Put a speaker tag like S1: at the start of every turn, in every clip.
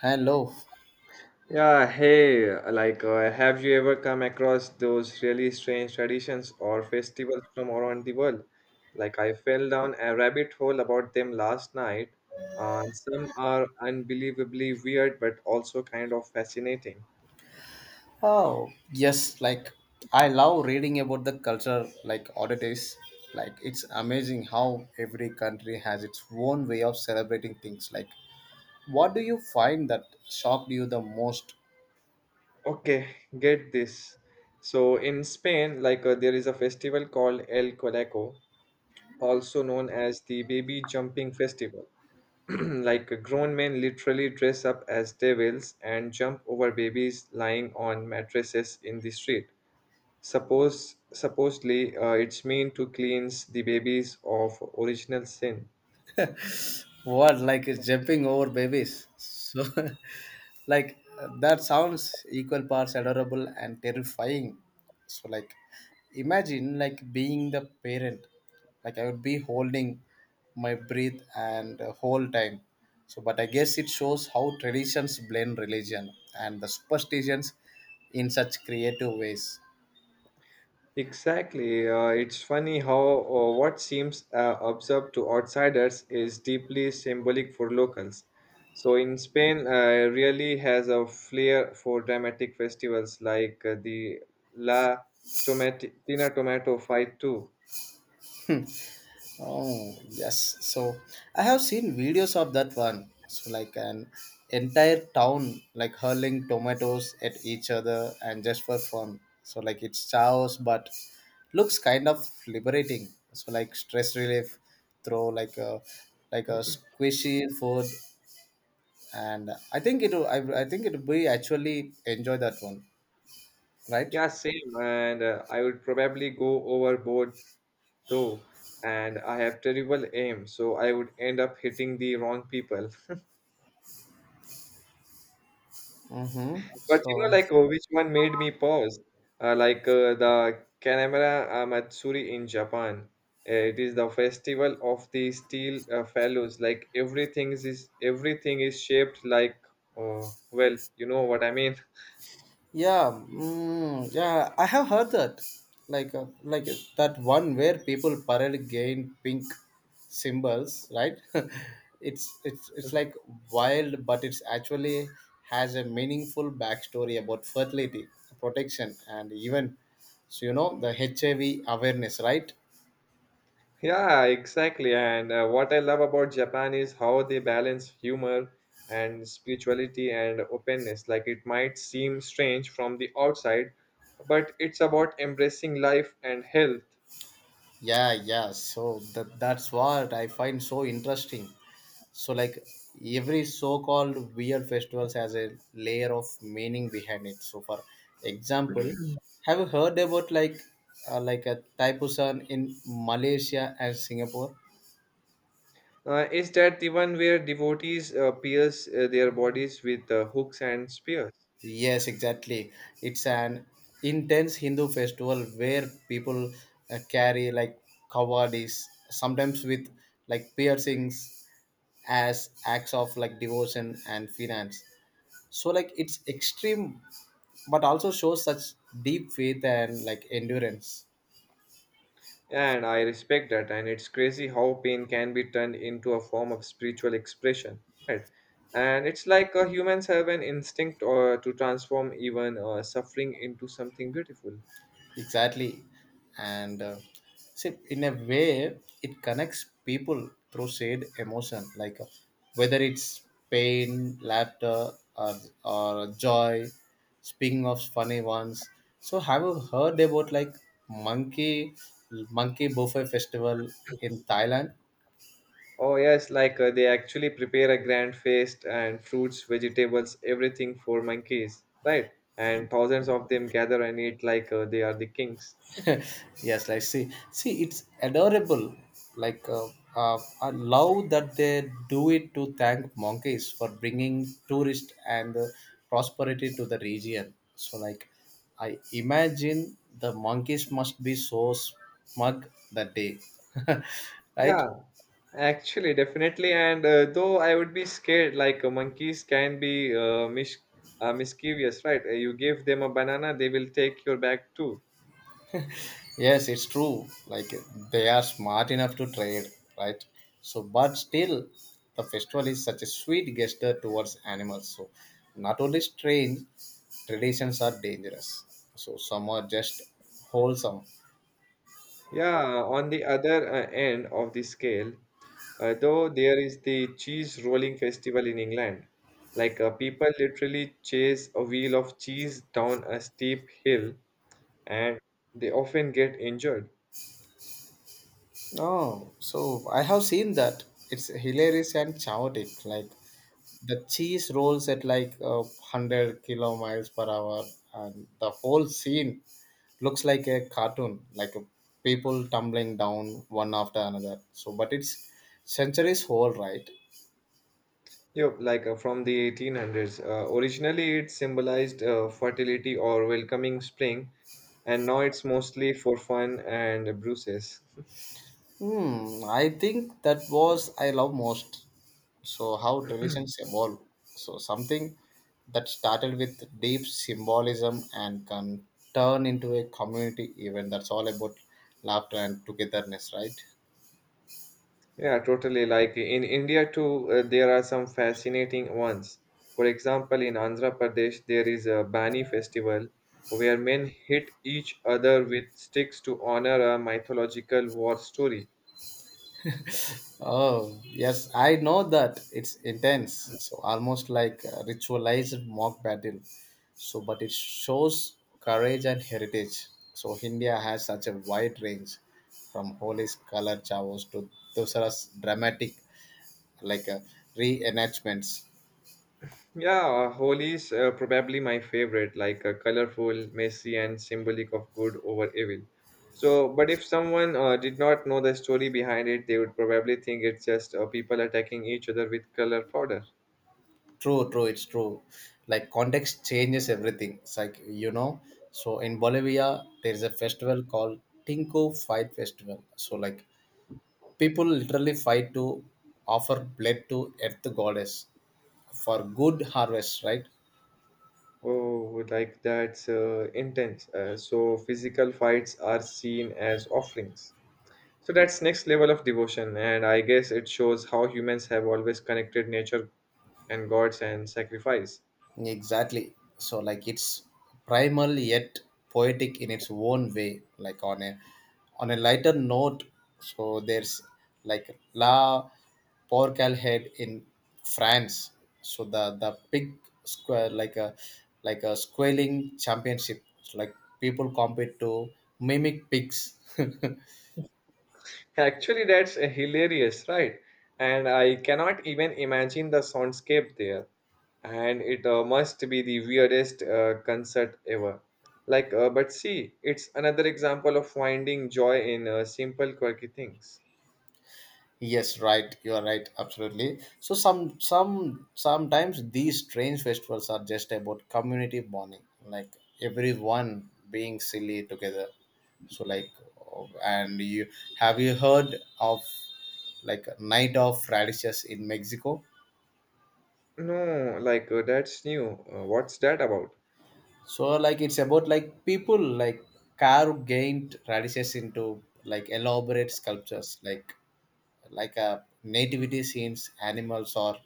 S1: Hello.
S2: Yeah, hey, have you ever come across those really strange traditions or festivals from around the world? Like, I fell down a rabbit hole about them last night, and some are unbelievably weird but also kind of fascinating.
S1: Oh, yes, like I love reading about the culture like oddities. Like it's amazing how every country has its own way of celebrating things. Like what do you find that shocked you the most?
S2: Okay, get this. So, in Spain, there is a festival called El Coleco, also known as the Baby Jumping Festival. Like grown men literally dress up as devils and jump over babies lying on mattresses in the street. Supposedly it's meant to cleanse the babies of original sin.
S1: What, like it's jumping over babies? So, like that sounds equal parts adorable and terrifying. So, like imagine like being the parent. Like I would be holding my breath and whole time. So, but I guess it shows how traditions blend religion and the superstitions in such creative ways.
S2: Exactly. It's funny how what seems absurd to outsiders is deeply symbolic for locals. So in Spain, really has a flair for dramatic festivals like the La Tina Tomato Fight too.
S1: Oh, yes. So I have seen videos of that one. So like an entire town like hurling tomatoes at each other and just for fun. So like it's chaos but looks kind of liberating. So like stress relief, throw like a squishy food, and I think it I think it will be actually enjoy that one, right?
S2: Yeah, same. And I would probably go overboard too. And I have terrible aim, so I would end up hitting the wrong people.
S1: Mm-hmm.
S2: But you know,
S1: So
S2: like which one made me pause? The Kanemura Matsuri in Japan. It is the festival of the steel fellows. Like everything is shaped like, well, you know what I mean.
S1: yeah, yeah, I have heard that. Like that one where people parade gain pink symbols, right? It's like wild, but it's actually has a meaningful backstory about fertility, protection, and even so you know the HIV awareness, right?
S2: Yeah, exactly. And what I love about Japan is how they balance humor and spirituality and openness. Like it might seem strange from the outside, but it's about embracing life and health.
S1: Yeah, yeah. So that's what I find so interesting. So like every so-called weird festivals has a layer of meaning behind it. So for example, have you heard about like a taipusan in Malaysia and Singapore?
S2: Is that the one where devotees pierce their bodies with hooks and spears?
S1: Yes, exactly. It's an intense Hindu festival where people carry like kawadis sometimes with like piercings as acts of like devotion and finance. So like it's extreme but also shows such deep faith and like endurance.
S2: And I respect that, and it's crazy how pain can be turned into a form of spiritual expression, right? And it's like humans have an instinct to transform even suffering into something beautiful.
S1: Exactly. And see in a way it connects people through shared emotion, like whether it's pain, laughter, or joy. Speaking of funny ones, so have you heard about like monkey monkey buffet festival in Thailand?
S2: Oh, yes, like they actually prepare a grand feast and fruits, vegetables, everything for monkeys, right? And thousands of them gather and eat like they are the kings.
S1: Yes, like see it's adorable. Like I love that they do it to thank monkeys for bringing tourist and prosperity to the region. So like I imagine the monkeys must be so smug that day. Right.
S2: Yeah, actually, definitely, and though I would be scared, like monkeys can be mischievous, right? You give them a banana, they will take your bag too.
S1: Yes, it's true. Like they are smart enough to trade, right? So, but still, the festival is such a sweet gesture towards animals. So, not only strange, traditions are dangerous. So, some are just wholesome.
S2: Yeah, on the other end of the scale, though there is the cheese rolling festival in England. Like people literally chase a wheel of cheese down a steep hill, and they often get injured.
S1: No, so I have seen that. It's hilarious and chaotic. Like the cheese rolls at like 100-kilo miles per hour, and the whole scene looks like a cartoon, like a people tumbling down one after another. So but it's centuries old, right?
S2: Yep, like from the 1800s. Originally, it symbolized fertility or welcoming spring, and now it's mostly for fun and bruises.
S1: Hmm, I think that was I love most. So how traditions evolve, so something that started with deep symbolism and can turn into a community event that's all about laughter and togetherness, right?
S2: Yeah, totally. Like in India, too, there are some fascinating ones. For example, in Andhra Pradesh, there is a Bani festival where men hit each other with sticks to honor a mythological war story.
S1: Oh, yes, I know that. It's intense. So almost like a ritualized mock battle. So, but it shows courage and heritage. So India has such a wide range from holy color chavos to Dosara's dramatic, like reenactments.
S2: Yeah, Holi is probably my favorite, like colorful, messy, and symbolic of good over evil. So, but if someone did not know the story behind it, they would probably think it's just people attacking each other with color powder.
S1: True, true, it's true. Like context changes everything. It's like, you know, so in Bolivia, there is a festival called Tinko Fight Festival. So like people literally fight to offer blood to earth goddess for good harvest, right?
S2: Oh, like that's intense. So, physical fights are seen as offerings. So, that's next level of devotion, and I guess it shows how humans have always connected nature and gods and sacrifice.
S1: Exactly. So like it's primal yet poetic in its own way. Like on a lighter note, so there's like La Porcalhead in France. So the pig square like a squaling championship. So like people compete to mimic pigs.
S2: Actually, that's hilarious, right? And I cannot even imagine the soundscape there. And it must be the weirdest concert ever. Like, but see, it's another example of finding joy in simple, quirky things.
S1: Yes, right. You are right. Absolutely. So some sometimes these strange festivals are just about community bonding, like everyone being silly together. So like, oh, and you have you heard of like night of radishes in Mexico?
S2: No, like, that's new. What's that about?
S1: So like it's about like people like carve gained radishes into like elaborate sculptures, like nativity scenes, animals, or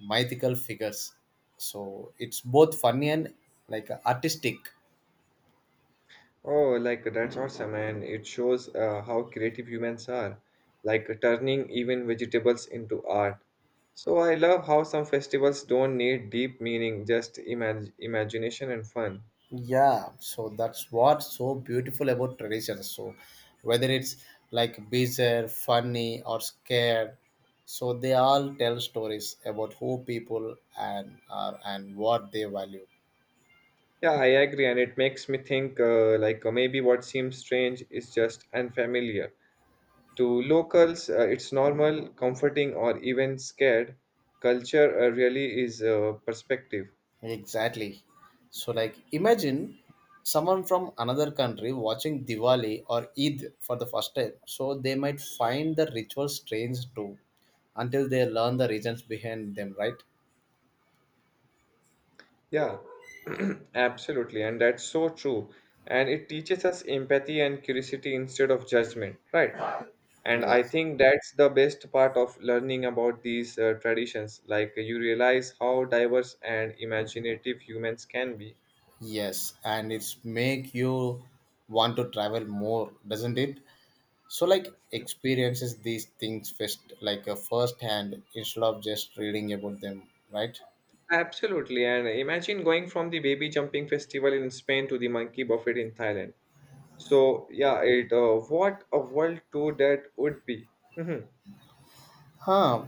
S1: mythical figures. So it's both funny and like artistic.
S2: Oh, like that's awesome, and it shows how creative humans are, like turning even vegetables into art. So I love how some festivals don't need deep meaning, just imagination and fun.
S1: Yeah, so that's what's so beautiful about traditions. So whether it's like bizarre, funny, or scared, so they all tell stories about who people and are and what they value.
S2: Yeah, I agree, and it makes me think maybe what seems strange is just unfamiliar. To locals, it's normal, comforting, or even scared. Culture really is perspective.
S1: Exactly. So, like, imagine someone from another country watching Diwali or Eid for the first time. So, they might find the ritual strange too until they learn the reasons behind them, right?
S2: Yeah, absolutely. And that's so true. And it teaches us empathy and curiosity instead of judgment, right? And I
S1: Yes.
S2: think that's the best part of learning about these traditions. Like you realize how diverse and imaginative humans can be.
S1: Yes. And it's make you want to travel more, doesn't it? So, like, experiences these things first, like, a first hand, instead of just reading about them, right?
S2: Absolutely. And imagine going from the baby jumping festival in Spain to the monkey buffet in Thailand. So, yeah, it what a world tour that would be. Mhm.
S1: Huh.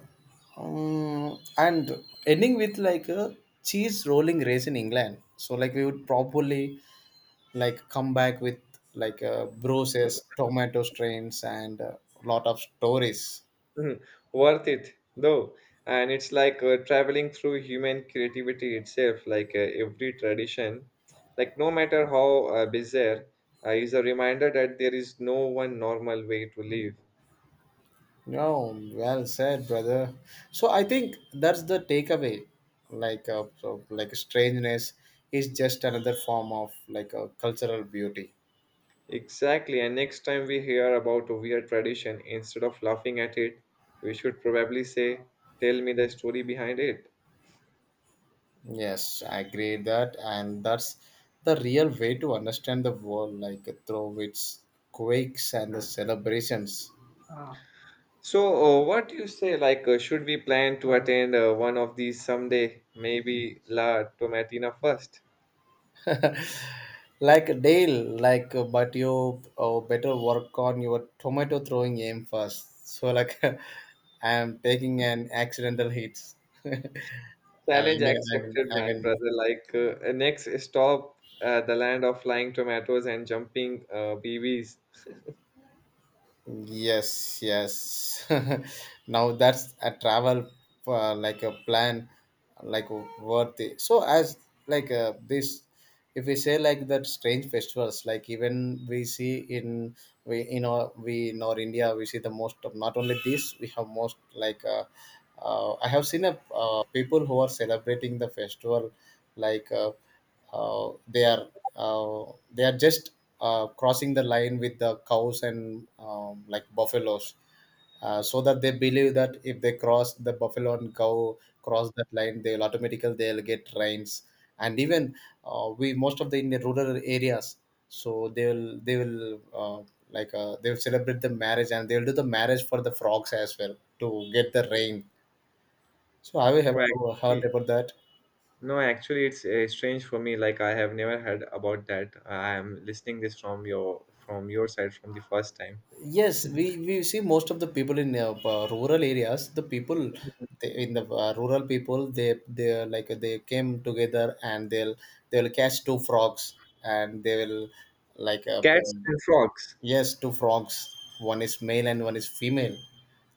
S1: And ending with like a cheese rolling race in England. So like we would probably like come back with like bruises, tomato strains, and a lot of stories.
S2: Mhm. Worth it though, and it's like traveling through human creativity itself. Like every tradition, like no matter how bizarre, is a reminder that there is no one normal way to live.
S1: No, well said, brother. So I think that's the takeaway. Like so, like strangeness is just another form of like a cultural beauty.
S2: Exactly, and next time we hear about a weird tradition, instead of laughing at it, we should probably say, "Tell me the story behind it."
S1: Yes, I agree that, and that's the real way to understand the world, like through its quakes and the celebrations.
S2: So, what do you say? Like, should we plan to attend one of these someday? Maybe La Tomatina first.
S1: Like Dale, like but you oh, better work on your tomato throwing aim first. So like, I'm taking an accidental hit. I mean,
S2: Challenge accepted,
S1: I
S2: my
S1: mean.
S2: brother. Like next stop, the land of flying tomatoes and jumping BBs.
S1: Yes, yes. Now that's a travel like a plan, like worth it. So as like this, if we say like that strange festivals, like even we see in we in our India we see the most of not only this we have most like I have seen a people who are celebrating the festival like uh, they are they are just crossing the line with the cows and like buffaloes so that they believe that if they cross the buffalo and cow cross that line they'll automatically they'll get rains, and even we most of the in the rural areas, so they will like they will celebrate the marriage and they will do the marriage for the frogs as well to get the rain. So have you ever
S2: No,
S1: heard
S2: actually,
S1: about that?
S2: no, actually, it's strange for me. Like I have never heard about that. I am listening this from your side from the first time.
S1: Yes, we see most of the people in rural areas, the people they, in the rural people, they are like they came together and they'll catch two frogs and they will like
S2: Cats
S1: um,
S2: and frogs.
S1: yes, two frogs. One is male and one is female,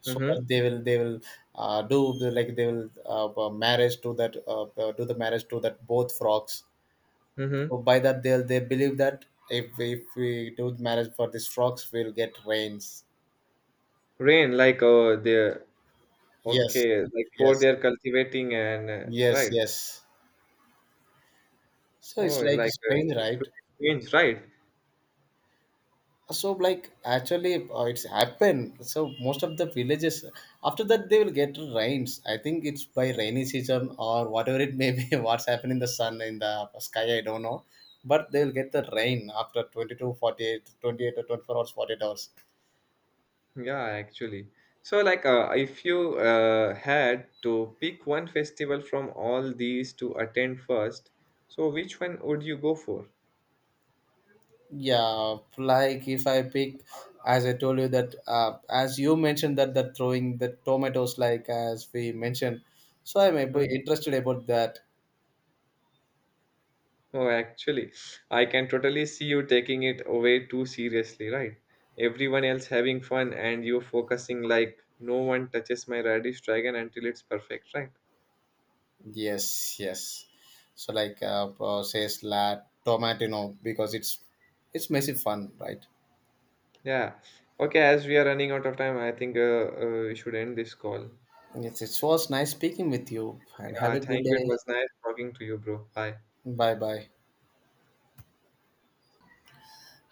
S1: so
S2: Mm-hmm.
S1: that they will do the, like they will marriage to that do the marriage to that both frogs.
S2: Mm-hmm.
S1: So by that they will they believe that if we do marriage for these frogs, we'll get rains.
S2: Rain, like they're
S1: Yes,
S2: okay, like for
S1: yes,
S2: their cultivating and
S1: yes,
S2: right.
S1: yes. So it's
S2: Oh,
S1: like
S2: like
S1: strange,
S2: it's
S1: right?
S2: really strange, right?
S1: So like actually, it's happened. So most of the villages after that they will get rains. I think it's by rainy season or whatever it may be. What's happening in the sun in the sky, I don't know. But they will get the rain after 22, 48, 28 48, or 24 hours, 48 hours.
S2: Yeah, actually. So, like, if you had to pick one festival from all these to attend first, so which one would you go for?
S1: Yeah, like if I pick, as I told you that, as you mentioned that that throwing the tomatoes, like as we mentioned, so I may be
S2: Mm.
S1: interested about that.
S2: Oh, actually, I can totally see you taking it away too seriously, right? Everyone else having fun and you focusing like, no one touches my radish dragon until it's perfect, right?
S1: Yes, yes. So like, says la tomatino because it's messy fun, right?
S2: Yeah. Okay, as we are running out of time, I think we should end this call.
S1: Yes, it was nice speaking with you, and have
S2: Yeah,
S1: a good
S2: thank you. It
S1: day.
S2: was nice talking to you, bro. Bye.
S1: Bye bye.